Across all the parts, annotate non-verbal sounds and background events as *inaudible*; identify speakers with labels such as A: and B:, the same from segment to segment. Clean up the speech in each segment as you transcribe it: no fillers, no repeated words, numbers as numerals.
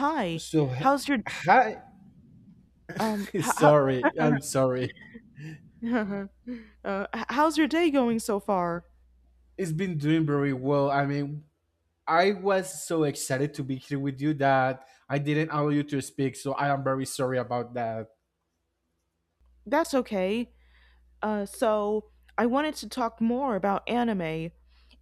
A: Hi.
B: So, h-
A: How's your
B: hi.
A: um
B: *laughs*
A: how, how
B: I'm sorry.
A: *laughs* how's your day going so far?
B: It's been doing very well. I mean, I was so excited to be here with you that I didn't allow you to speak. So, I am very sorry about that.
A: That's okay. So I wanted to talk more about anime.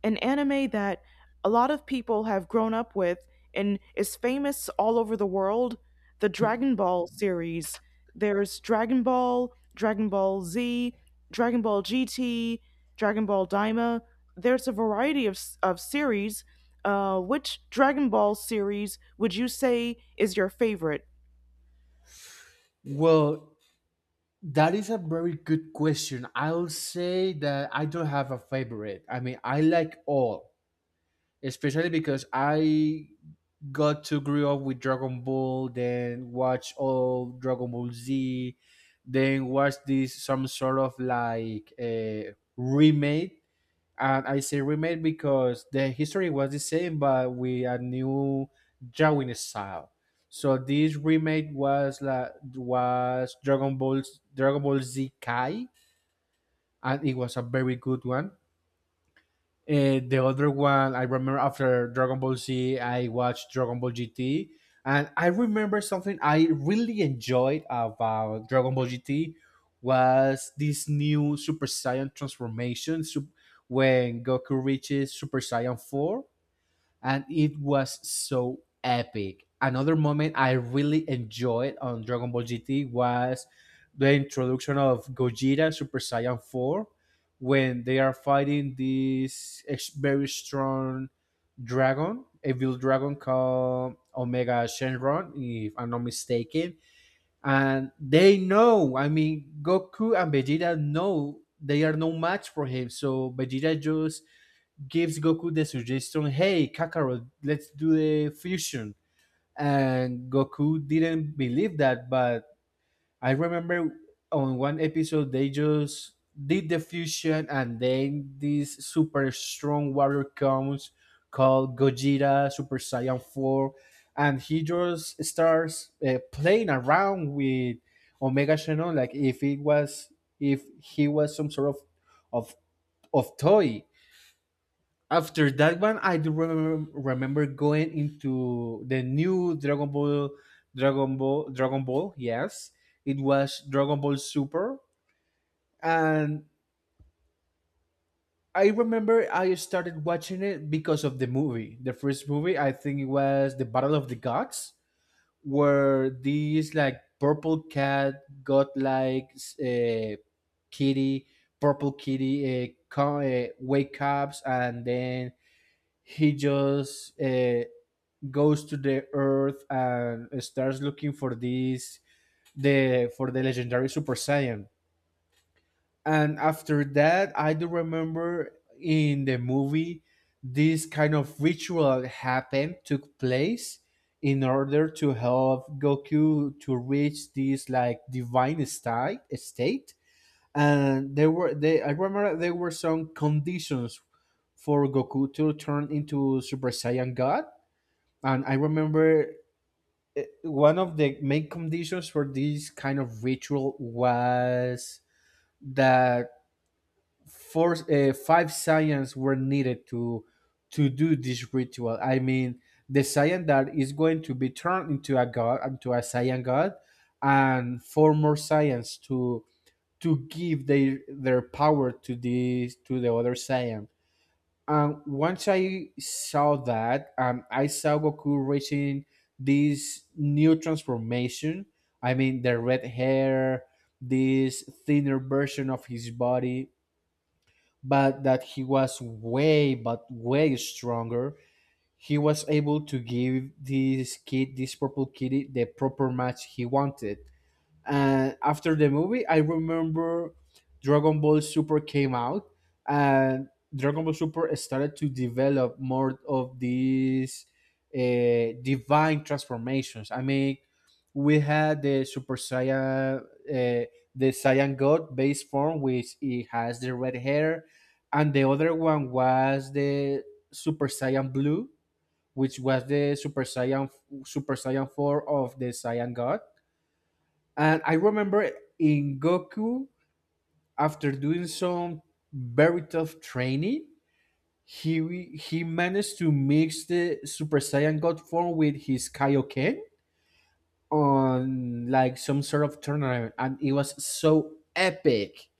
A: An anime that a lot of people have grown up with and is famous all over the world. The Dragon Ball series. There's Dragon Ball, Dragon Ball Z, Dragon Ball GT, Dragon Ball Daima. There's a variety of series. Which Dragon Ball series would you say is your favorite?
B: Well, that is a very good question. I'll say that I don't have a favorite. I mean, I like all, especially because I got to grow up with Dragon Ball, then watch all Dragon Ball Z, then watch this some sort of like a remake. And I say remake because the history was the same, but with a new drawing style. So this remake was Dragon Ball Z Kai, and it was a very good one. The other one I remember after Dragon Ball Z, I watched Dragon Ball GT, and I remember something I really enjoyed about Dragon Ball GT was this new Super Saiyan transformation when Goku reaches Super Saiyan Four, and it was so epic. Another moment I really enjoyed on Dragon Ball GT was the introduction of Gogeta and Super Saiyan 4 when they are fighting this very strong dragon, evil dragon called Omega Shenron, if I'm not mistaken. And they know, I mean, Goku and Vegeta know they are no match for him. So Vegeta just gives Goku the suggestion, "Hey Kakarot, let's do the fusion." And Goku didn't believe that, but I remember on one episode they just did the fusion, and then this super strong warrior comes called Gogeta Super Saiyan Four, and he just starts playing around with Omega Shenron, like if it was if he was some sort of of of toy. After that one, I do remember going into the new Dragon Ball yes, it was Dragon Ball Super. And I remember I started watching it because of the movie, the first movie, I think it was the Battle of the Gods, where these like purple cat got like uh, kitty, purple kitty, wake ups, and then he just goes to the earth and starts looking for this the for the legendary Super Saiyan. And after that I do remember in the movie this kind of ritual happened took place in order to help Goku to reach this like divine state. And there were they, I remember there were some conditions for Goku to turn into Super Saiyan God. And I remember one of the main conditions for this kind of ritual was that five science were needed to do this ritual. I mean, the science that is going to be turned into a god, into a science god, and four more science to give their power to this to the other science. Once I saw that, I saw Goku reaching this new transformation. I mean, the red hair, this thinner version of his body, but that he was way, but way stronger. He was able to give this kid, this purple kitty, the proper match he wanted. And after the movie, I remember Dragon Ball Super came out, and Dragon Ball Super started to develop more of these divine transformations. I mean, we had the Super Saiyan, the Saiyan God base form, which it has the red hair, and the other one was the Super Saiyan Blue, which was the Super Saiyan Four of the Saiyan God. And I remember in Goku, after doing some very tough training, he managed to mix the Super Saiyan God form with his Kaioken on like some sort of tournament, and it was so epic.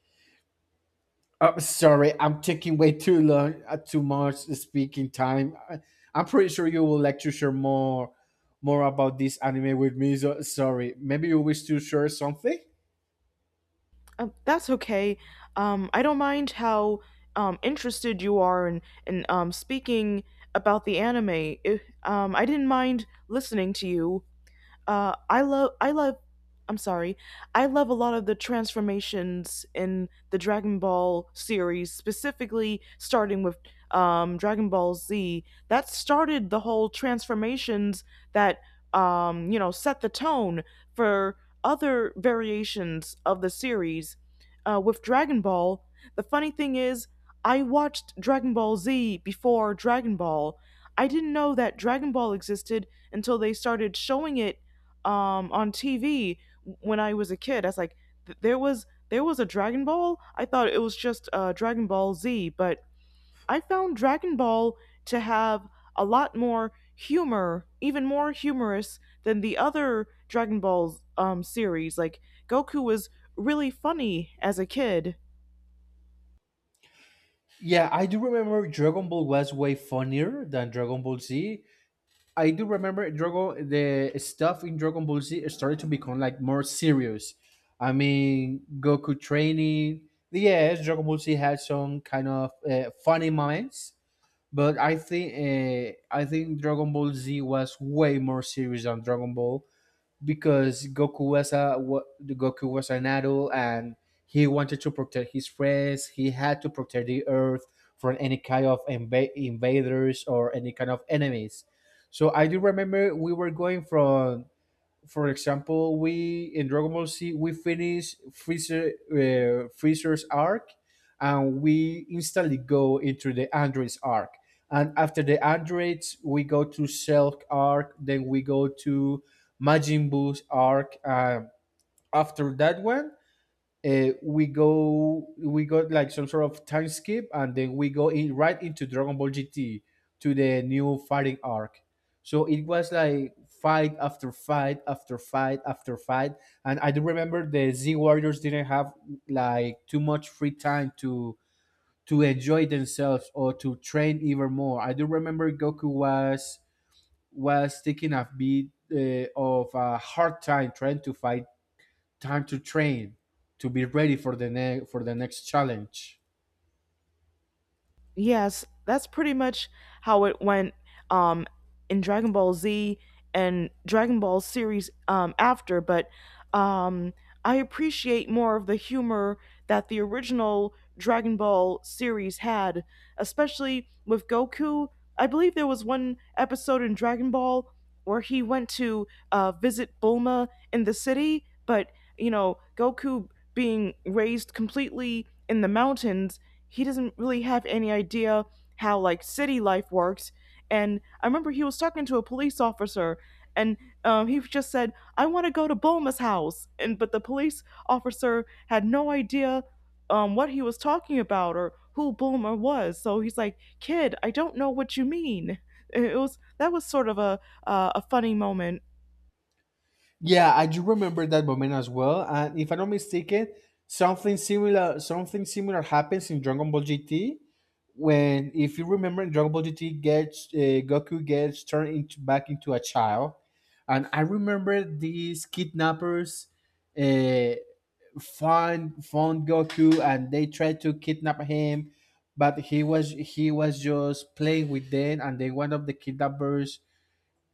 B: I'm taking way too long, too much speaking time. I, I'm pretty sure you would like to share more about this anime with me. So sorry, maybe you wish to share something.
A: That's okay. I don't mind how interested you are in speaking about the anime. If, I didn't mind listening to you. I love I'm sorry. I love a lot of the transformations in the Dragon Ball series, specifically starting with Dragon Ball Z. That started the whole transformations that you know set the tone for other variations of the series. With Dragon Ball, the funny thing is, I watched Dragon Ball Z before Dragon Ball. I didn't know that Dragon Ball existed until they started showing it on TV when I was a kid. I was like, there was a Dragon Ball. I thought it was just Dragon Ball Z, but I found Dragon Ball to have a lot more humor, even more humorous than the other Dragon Ball series. Like Goku was really funny as a kid.
B: Yeah, I do remember Dragon Ball was way funnier than Dragon Ball Z. I do remember Dragon the stuff in Dragon Ball Z started to become like more serious. I mean, Goku training. Yes, Dragon Ball Z had some kind of funny moments, but I think Dragon Ball Z was way more serious than Dragon Ball because Goku was a Goku was an adult and he wanted to protect his friends. He had to protect the Earth from any kind of invaders or any kind of enemies. So I do remember we were going from, for example, we in Dragon Ball Z we finish Freezer's arc, and we instantly go into the androids arc. And after the androids, we go to Cell arc. Then we go to Majin Buu's arc. After that one, we go we got like some sort of time skip and then we go in right into Dragon Ball GT to the new fighting arc. So it was like fight after fight after fight after fight, and I do remember the Z Warriors didn't have like too much free time to enjoy themselves or to train even more. I do remember Goku was taking a bit of a hard time trying to fight time to train to be ready for the next challenge.
A: Yes, that's pretty much how it went um, in Dragon Ball Z and Dragon Ball series after. But um, I appreciate more of the humor that the original Dragon Ball series had, especially with Goku. I believe there was one episode in Dragon Ball where he went to visit Bulma in the city, but you know, Goku, being raised completely in the mountains, he doesn't really have any idea how like city life works. And I remember he was talking to a police officer, and he just said, "I want to go to Bulma's house," and but the police officer had no idea what he was talking about or who Bulma was. So he's like, "Kid, I don't know what you mean." *laughs* It was that was sort of a funny moment.
B: Yeah, I do remember that moment as well. And if I'm not mistaken, something similar happens in Dragon Ball GT when, if you remember, in Dragon Ball GT gets Goku gets turned into back into a child, and I remember these kidnappers uh, found Goku and they tried to kidnap him, but he was just playing with them, and then one of the kidnappers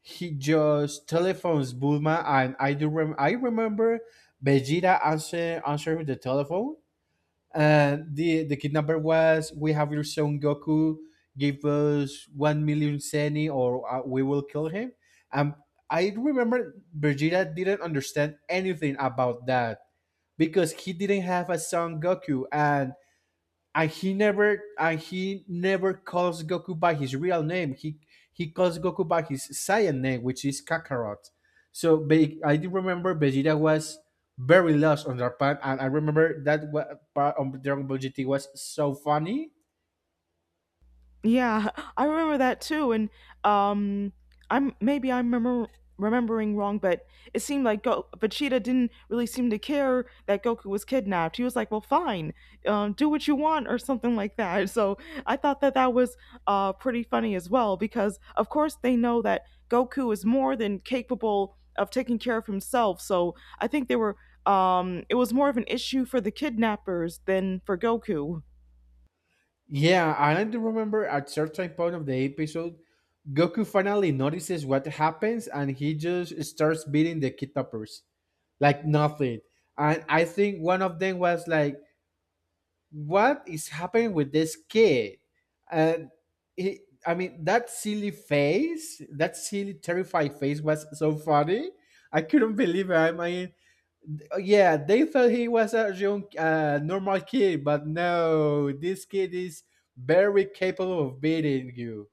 B: he just telephones Bulma, and I do rem- I remember Vegeta answering the telephone and the kidnapper was, "We have your son Goku. Give us 1,000,000 Senny, or we will kill him." And I remember Vegeta didn't understand anything about that because he didn't have a son Goku, and and he never calls Goku by his real name. He calls Goku by his Saiyan name, which is Kakarot. So I do remember Vegeta was very lost on their part, and I remember that part on Dragon Ball GT was so funny.
A: Yeah, *laughs* I remember that too, and um, I'm maybe I'm remember, remembering wrong, but it seemed like Vegeta didn't really seem to care that Goku was kidnapped. He was like, "Well, fine, do what you want," or something like that. *laughs* So I thought that that was pretty funny as well, because of course they know that Goku is more than capable of taking care of himself. So I think they were it was more of an issue for the kidnappers than for Goku.
B: Yeah, and I do remember at certain point of the episode, Goku finally notices what happens, and he just starts beating the Kid Toppers like nothing. And I think one of them was like, what is happening with this kid? And he, I mean, that silly face, that silly, terrified face was so funny. I couldn't believe it. I mean, yeah, they thought he was a young, normal kid, but no, this kid is very capable of beating you.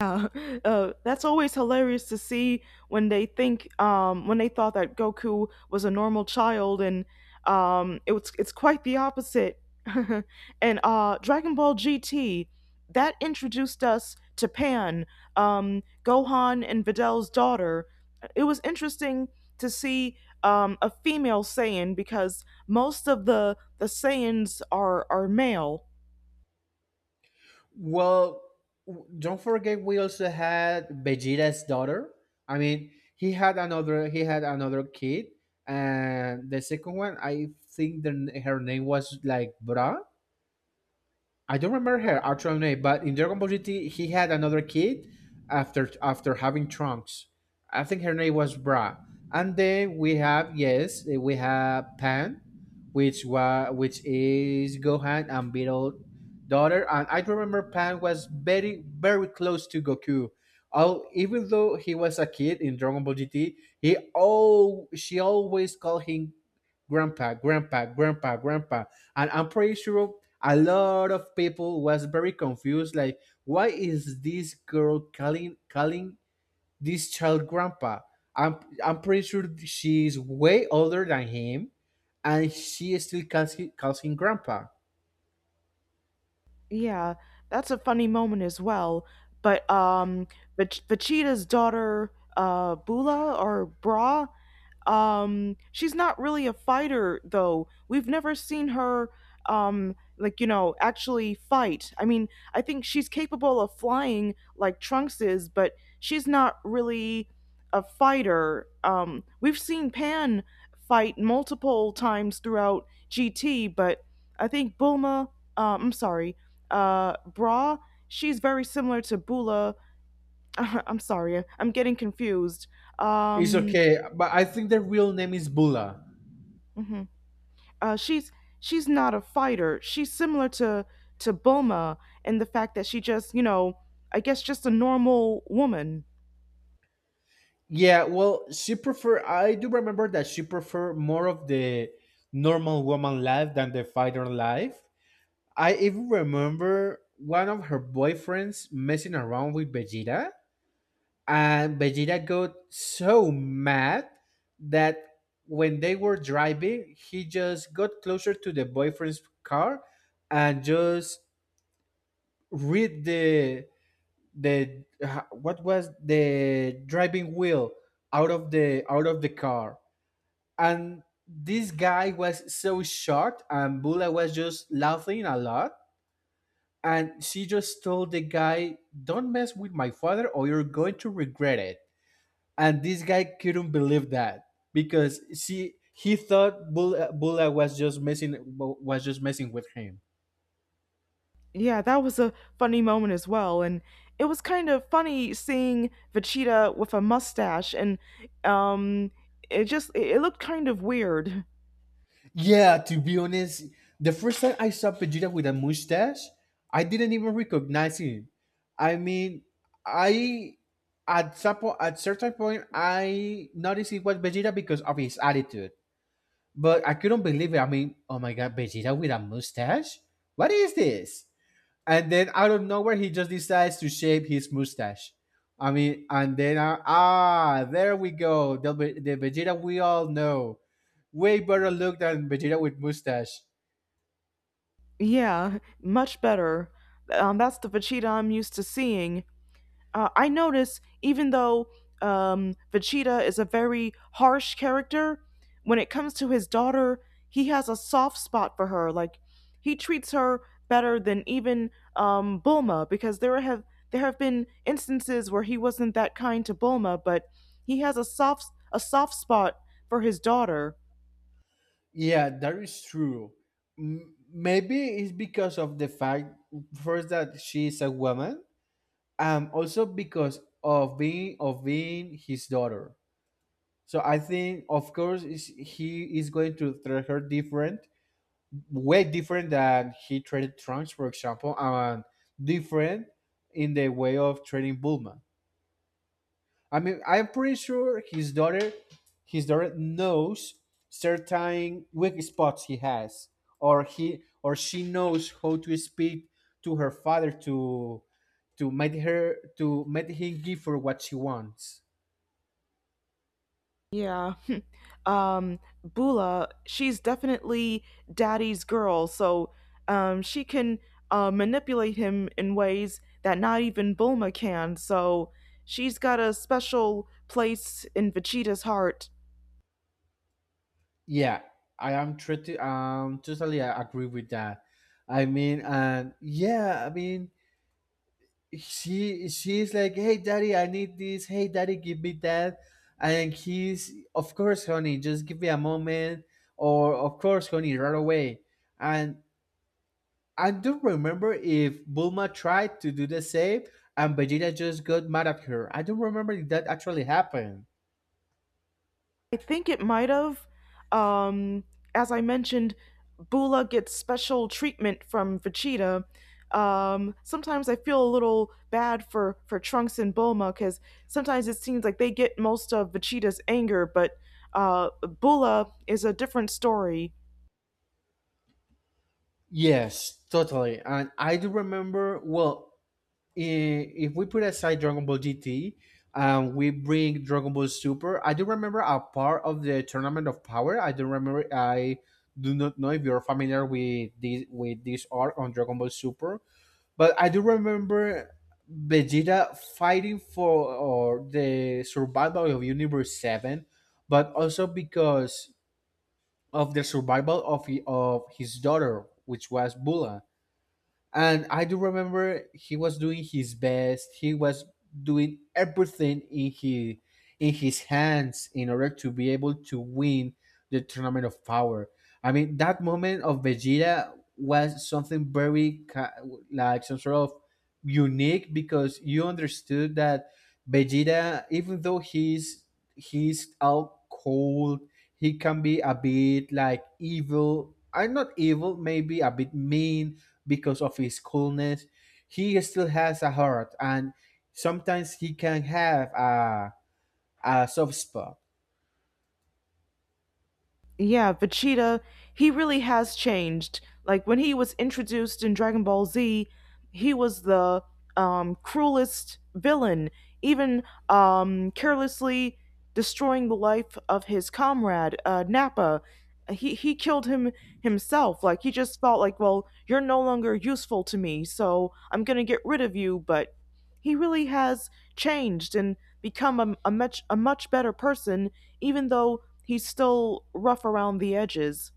A: Yeah, *laughs* that's always hilarious to see when they think when they thought that Goku was a normal child, and it's quite the opposite. *laughs* And Dragon Ball GT, that introduced us to Pan, Gohan, and Vidal's daughter. It was interesting to see a female Saiyan because most of the Saiyans are male.
B: Well, don't forget we also had Vegeta's daughter. I mean, he had another kid, and the second one I think her name was like Bra. I don't remember her actual name, but in Dragon Ball GT, he had another kid after having Trunks. I think her name was Bra. And then we have yes, we have Pan, which was which is Gohan and Beetle daughter. And I remember Pan was very close to Goku. Oh, even though he was a kid in Dragon Ball GT, he all she always called him grandpa, grandpa, grandpa, grandpa. And I'm pretty sure a lot of people was very confused like, why is this girl calling this child grandpa? i'm I'm pretty sure she's way older than him, and she still calls him grandpa.
A: Yeah, that's a funny moment as well. But Vachita's daughter, Bula or Bra, she's not really a fighter though. We've never seen her like you know actually fight. I mean, I think she's capable of flying like Trunks is, but she's not really a fighter. We've seen Pan fight multiple times throughout GT, but I think Bulma, I'm sorry, Bra, she's very similar to Bula. *laughs* I'm sorry, I'm getting confused.
B: It's
A: Um,
B: okay, but I think the real name is Bula.
A: mhm. Uh, she's she's not a fighter. She's similar to Bulma in the fact that she just you know I guess just a normal woman.
B: Yeah, well she prefer I do remember that she prefer more of the normal woman life than the fighter life. I even remember one of her boyfriends messing around with Vegeta, and Vegeta got so mad that when they were driving, he just got closer to the boyfriend's car and just read the what was the driving wheel out of the car, and this guy was so shocked and Bula was just laughing a lot, and she just told the guy, don't mess with my father or you're going to regret it. And this guy couldn't believe that because see he thought Bulla was just messing with him.
A: Yeah, that was a funny moment as well, and it was kind of funny seeing Vegeta with a mustache, and um, it looked kind of weird. *laughs*
B: Yeah, to be honest, the first time I saw Vegeta with a mustache, I didn't even recognize him. I mean, I at at certain point I noticed it was Vegeta because of his attitude, but I couldn't believe it. I mean, oh my god, Vegeta with a mustache? What is this? And then out of nowhere he just decides to shave his mustache. I mean, and then ah, there we go. The Vegeta we all know, way better look than Vegeta with mustache.
A: Yeah, much better. That's the Vegeta I'm used to seeing. I notice even though Vegeta is a very harsh character, when it comes to his daughter, he has a soft spot for her. Like he treats her better than even Bulma, because there have been instances where he wasn't that kind to Bulma, but he has a soft spot for his daughter.
B: Yeah, that is true. Maybe it's because of the fact first that she is a woman, also because of being his daughter. So I think, of course, is he is going to treat her different way different than he traded Trunks, for example, and different in the way of trading Bulma. I mean, I'm pretty sure his daughter knows certain weak spots he has, or he or she knows how to speak to her father to make him give her what she wants.
A: Yeah. *laughs* Um, Bula, she's definitely daddy's girl, so she can manipulate him in ways that not even Bulma can. So she's got a special place in Vegeta's heart.
B: Yeah, I am totally I agree with that. I mean, and yeah, I mean, she's like, "Hey, daddy, I need this. Hey, daddy, give me that." And he's, "Of course, honey, just give me a moment." Or, "Of course, honey, right away." And I don't remember if Bulma tried to do the same, and Vegeta just got mad at her. I don't remember if that actually happened.
A: I think it might have. Um, as I mentioned, Bula gets special treatment from Vegeta. Sometimes I feel a little bad for Trunks and Bulma because sometimes it seems like they get most of Vegeta's anger, but uh, Bula is a different story.
B: Yes, totally. And I do remember. Well, if we put aside Dragon Ball GT and we bring Dragon Ball Super, I do remember a part of the Tournament of Power. I do remember. I do not know if you're familiar with this arc on Dragon Ball Super, but I do remember Vegeta fighting for or the survival of Universe Seven, but also because of the survival of of his daughter, which was Bula, and I do remember he was doing his best. He was doing everything in his hands in order to be able to win the tournament of power. I mean, that moment of Vegeta was something like some sort of unique, because you understood that Vegeta, even though he's out cold, he can be a bit like evil. I'm not evil, maybe a bit mean, because of his coolness. He still has a heart, and sometimes he can have a soft spot.
A: Yeah, Vegeta, he really has changed. Like when he was introduced in Dragon Ball Z, he was the cruelest villain, even carelessly destroying the life of his comrade, Nappa. He killed him himself. Like, he just felt like, well, you're no longer useful to me, so I'm gonna get rid of you. But he really has changed and become a much better person, even though he's still rough around the edges.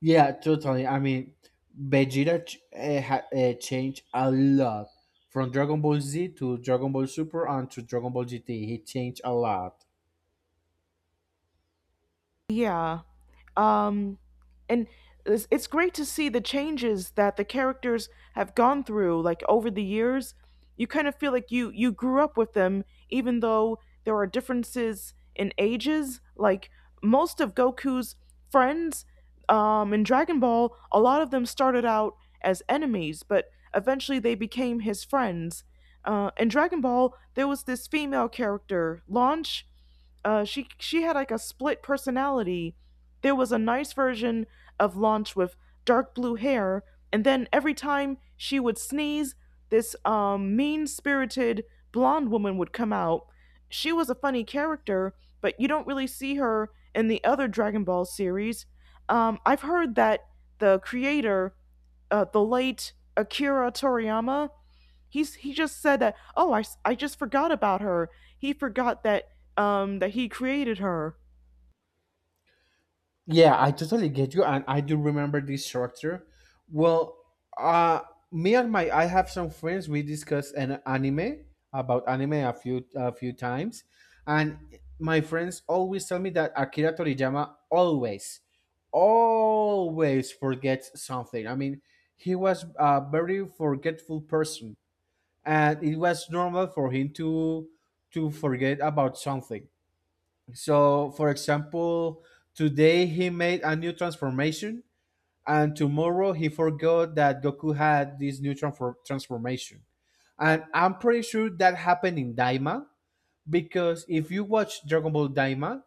B: Yeah, totally. I mean, Vegeta changed a lot from Dragon Ball Z to Dragon Ball Super and to Dragon Ball GT. He changed a lot.
A: Yeah. Um, and it's great to see the changes that the characters have gone through like over the years. You kind of feel like you grew up with them even though there are differences in ages. Like most of Goku's friends in Dragon Ball, a lot of them started out as enemies, but eventually they became his friends. In Dragon Ball, there was this female character, Launch. She had like a split personality. There was a nice version of Launch with dark blue hair, and then every time she would sneeze, this mean-spirited blonde woman would come out. She was a funny character, but you don't really see her in the other Dragon Ball series. I've heard that the creator, the late Akira Toriyama, he just said that, "Oh, I just forgot about her." He forgot that he created her.
B: Yeah, I totally get you, and I do remember this structure. Well, uh, me and my I have some friends. We discussed an anime about anime a few times, and my friends always tell me that Akira Toriyama always forgets something. I mean, he was a very forgetful person, and it was normal for him to forget about something. So, for example, today he made a new transformation, and tomorrow he forgot that Goku had this new transformation. And I'm pretty sure that happened in Daima, because if you watch Dragon Ball Daima,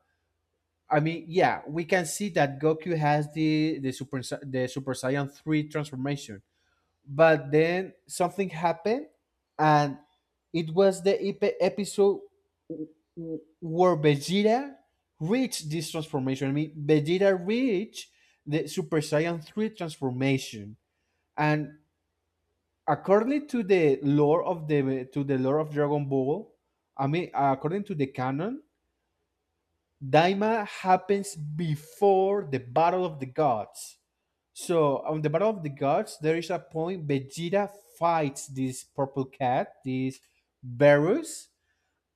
B: I mean, yeah, we can see that Goku has the Super Saiyan three transformation, but then something happened, and it was the episode w- where Vegeta reached this transformation. I mean, Vegeta reached the Super Saiyan 3 transformation. And according to the lore of Dragon Ball, I mean, according to the canon, Daima happens before the Battle of the Gods. So on the Battle of the Gods, there is a point Vegeta fights this purple cat, this Beerus,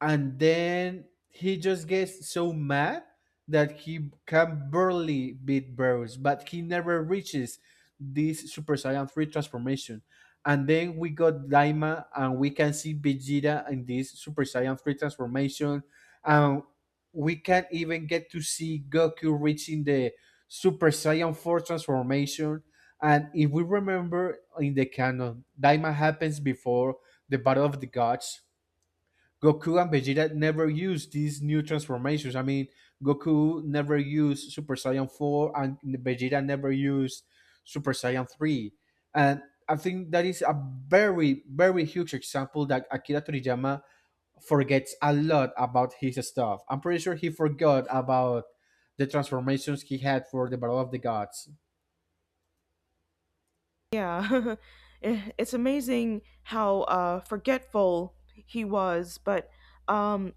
B: and then he just gets so mad that he can barely beat Bruce, but he never reaches this Super Saiyan 3 transformation. And then we got Daima, and we can see Vegeta in this Super Saiyan 3 transformation. And we can even get to see Goku reaching the Super Saiyan 4 transformation. And if we remember in the canon, Daima happens before the Battle of the Gods, Goku and Vegeta never used these new transformations. I mean, Goku never used Super Saiyan 4 and Vegeta never used Super Saiyan 3. And I think that is a very, very huge example that Akira Toriyama forgets a lot about his stuff. I'm pretty sure he forgot about the transformations he had for the Battle of the Gods.
A: Yeah, *laughs* eh, it's amazing how forgetful he was. But um,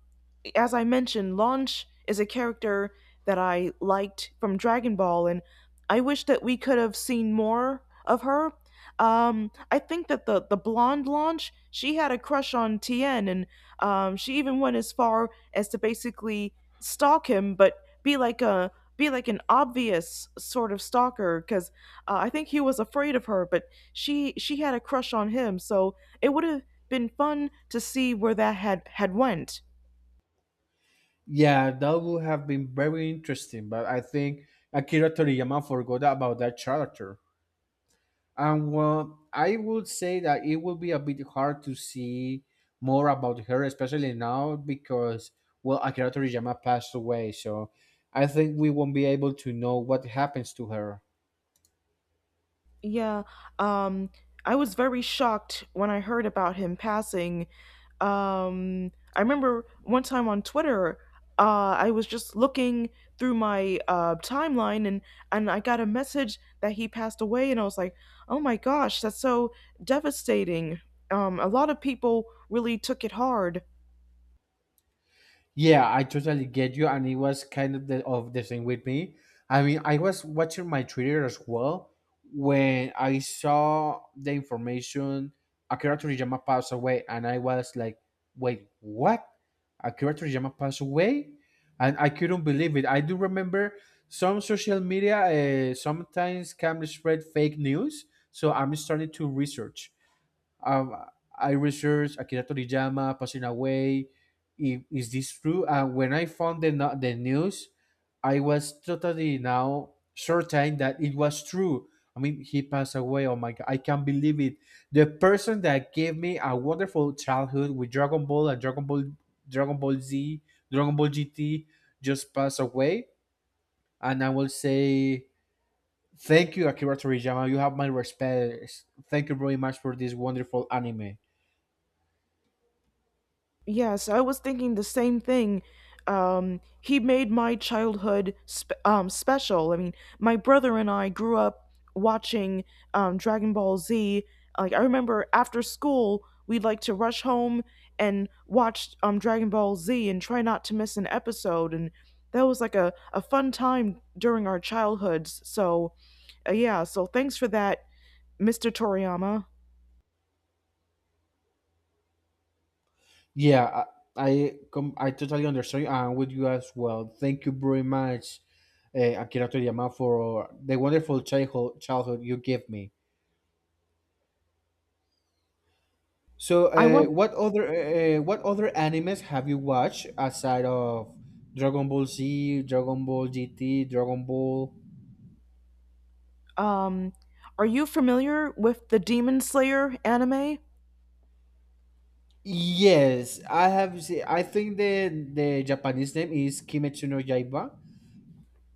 A: as I mentioned, Launch is a character that I liked from Dragon Ball, and I wish that we could have seen more of her. I think that the blonde Launch, she had a crush on Tien, and she even went as far as to basically stalk him, but be like a be like an obvious sort of stalker, because I think he was afraid of her, but she had a crush on him, so it would have been fun to see where that had went.
B: Yeah, that would have been very interesting, but I think Akira Toriyama forgot about that character. And well, I would say that it will be a bit hard to see more about her, especially now because, well, Akira Toriyama passed away, so I think we won't be able to know what happens to her.
A: Yeah, um, I was very shocked when I heard about him passing. I remember one time on Twitter, I was just looking through my timeline and I got a message that he passed away, and I was like, oh my gosh, that's so devastating. A lot of people really took it hard.
B: Yeah, I totally get you, and it was kind of the same with me. I mean, I was watching my Twitter as well when I saw the information Akira Toriyama passed away, and I was like, "Wait, what? Akira Toriyama passed away?" And I couldn't believe it. I do remember some social media sometimes can spread fake news, so um, I researched Akira Toriyama passing away. If, is this true? And when I found the, no- the news, I was totally now certain that it was true. I mean, he passed away. Oh my God, I can't believe it. The person that gave me a wonderful childhood with Dragon Ball, Dragon Ball Z, Dragon Ball GT just passed away. And I will say, thank you, Akira Toriyama. You have my respect. Thank you very much for this wonderful anime.
A: Yes, I was thinking the same thing. He made my childhood special. I mean, my brother and I grew up watching Dragon Ball Z. Like, I remember after school, we'd like to rush home and watch Dragon Ball Z and try not to miss an episode. And that was like a fun time during our childhoods. So, yeah, so thanks for that, Mr. Toriyama.
B: Yeah, I totally understand. I'm with you as well. Thank you very much, Akira Toriyama, for the wonderful childhood you gave me. So,
A: I want
B: what other animes have you watched aside of Dragon Ball Z, Dragon Ball GT, Dragon Ball?
A: Um, are you familiar with the Demon Slayer anime?
B: Yes, I have. See, I think the Japanese name is Kimetsu no Yaiba.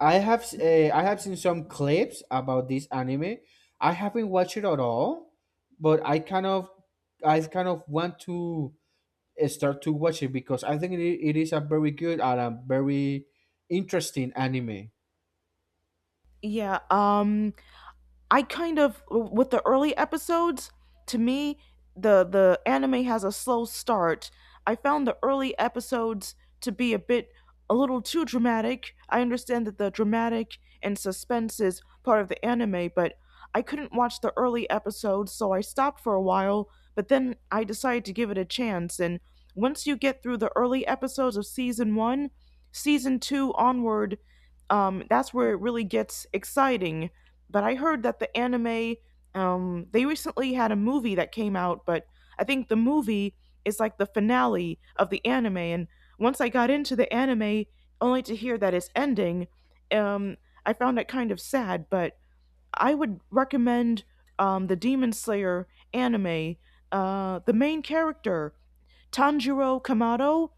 B: I have seen some clips about this anime. I haven't watched it at all, but I kind of want to start to watch it because I think it is a very good and a very interesting anime.
A: Yeah, I kind of with the early episodes, to me, the anime has a slow start. I found the early episodes to be a little too dramatic. I understand that the dramatic and suspense is part of the anime, but I couldn't watch the early episodes, so I stopped for a while, but then I decided to give it a chance. And once you get through the early episodes of season 1, season 2 onward, that's where it really gets exciting. But I heard that the anime, they recently had a movie that came out, but I think the movie is like the finale of the anime. And once I got into the anime, only to hear that it's ending, um, I found it kind of sad. But I would recommend the Demon Slayer anime. The main character, Tanjiro Kamado,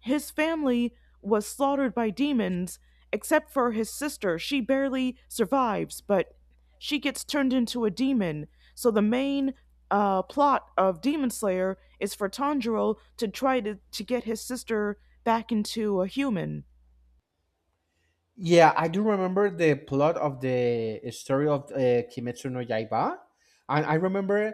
A: his family was slaughtered by demons, except for his sister. She barely survives, but she gets turned into a demon. So the main plot of Demon Slayer is for Tanjiro to to get his sister back into a human.
B: Yeah, I do remember the plot of the story of Kimetsu no Yaiba, and I remember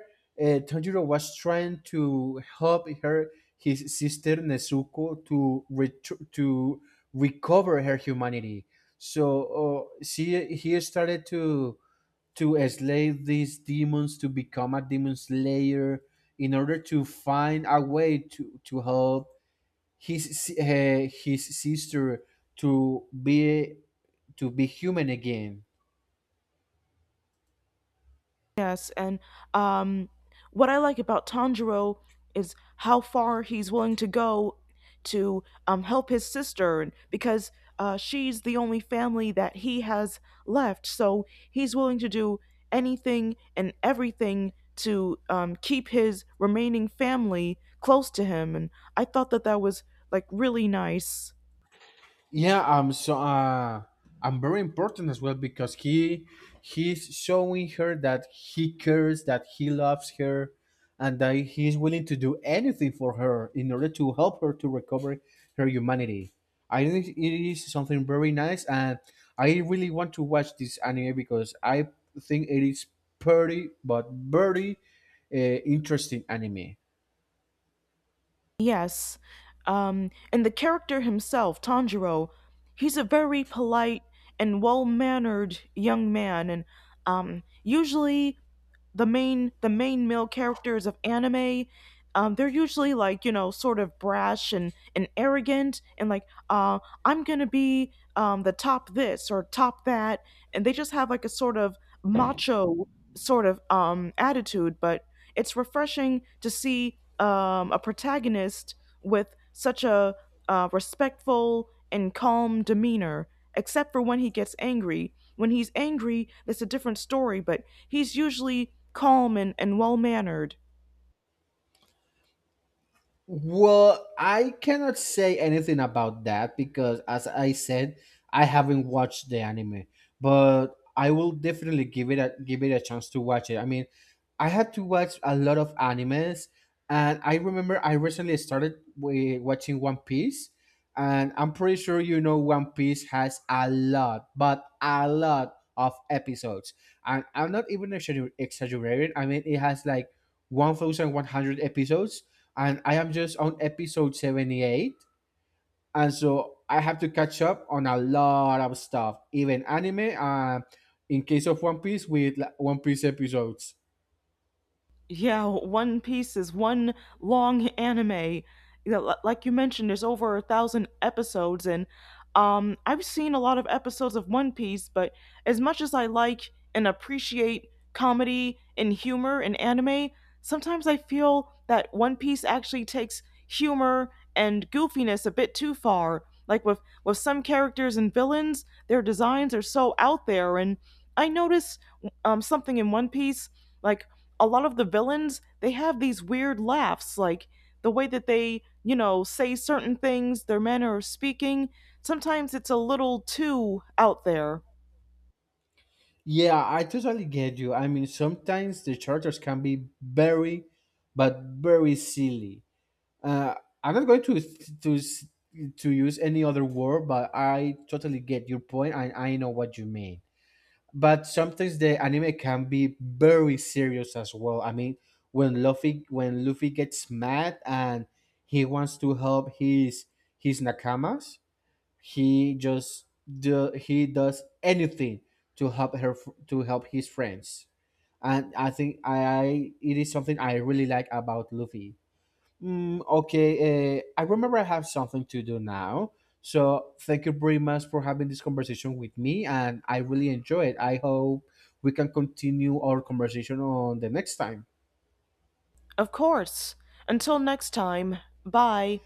B: Tanjiro was trying to help her his sister Nezuko to recover her humanity. So she he started to slay these demons to become a demon slayer in order to find a way to help his sister to be human again.
A: Yes, and um, what I like about Tanjiro is how far he's willing to go to help his sister, and because she's the only family that he has left. So he's willing to do anything and everything to keep his remaining family close to him, and I thought that that was like really nice.
B: Yeah, so I'm very important as well because he's showing her that he cares, that he loves her, and that he's willing to do anything for her in order to help her to recover her humanity. I think it is something very nice, and I really want to watch this anime because I think it is pretty, but very interesting anime.
A: Yes. And the character himself, Tanjiro, he's a very polite and well mannered young man. And usually the main male characters of anime they're usually like you know sort of brash and arrogant and like I'm gonna be the top this or top that, and they just have like a sort of macho sort of attitude. But it's refreshing to see a protagonist with such a respectful and calm demeanor, except for when he gets angry. When he's angry, that's a different story, but he's usually calm and well mannered.
B: Well, I cannot say anything about that because, as I said, I haven't watched the anime, but I will definitely give it a chance to watch it. I mean, I had to watch a lot of animes, and I remember I recently started watching One Piece, and I'm pretty sure you know One Piece has a lot of episodes, and I'm not even exaggerating. I mean, it has like 1,100 episodes, and I am just on episode 78. And so I have to catch up on a lot of stuff, even anime, in case of One Piece, with like, One Piece episodes.
A: Yeah, One Piece is one long anime. You know, like you mentioned, there's over a thousand episodes, and I've seen a lot of episodes of One Piece, but as much as I like and appreciate comedy and humor in anime, sometimes I feel that One Piece actually takes humor and goofiness a bit too far. Like with some characters and villains, their designs are so out there, and I notice something in One Piece, like a lot of the villains they have these weird laughs, like the way that they you know say certain things, their manner of speaking, sometimes it's a little too out there.
B: Yeah, I totally get you. I mean, sometimes the characters can be very, but very silly. Uh, I'm not going to use any other word, but I totally get your point, and I know what you mean. But sometimes the anime can be very serious as well. I mean, when Luffy gets mad and he wants to help his nakamas, he just he does anything to help her to help his friends. And I think I it is something I really like about Luffy. Mm, okay, I remember I have something to do now. So thank you very much for having this conversation with me, and I really enjoy it. I hope we can continue our conversation on the next time.
A: Of course. Until next time. Bye.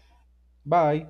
B: Bye.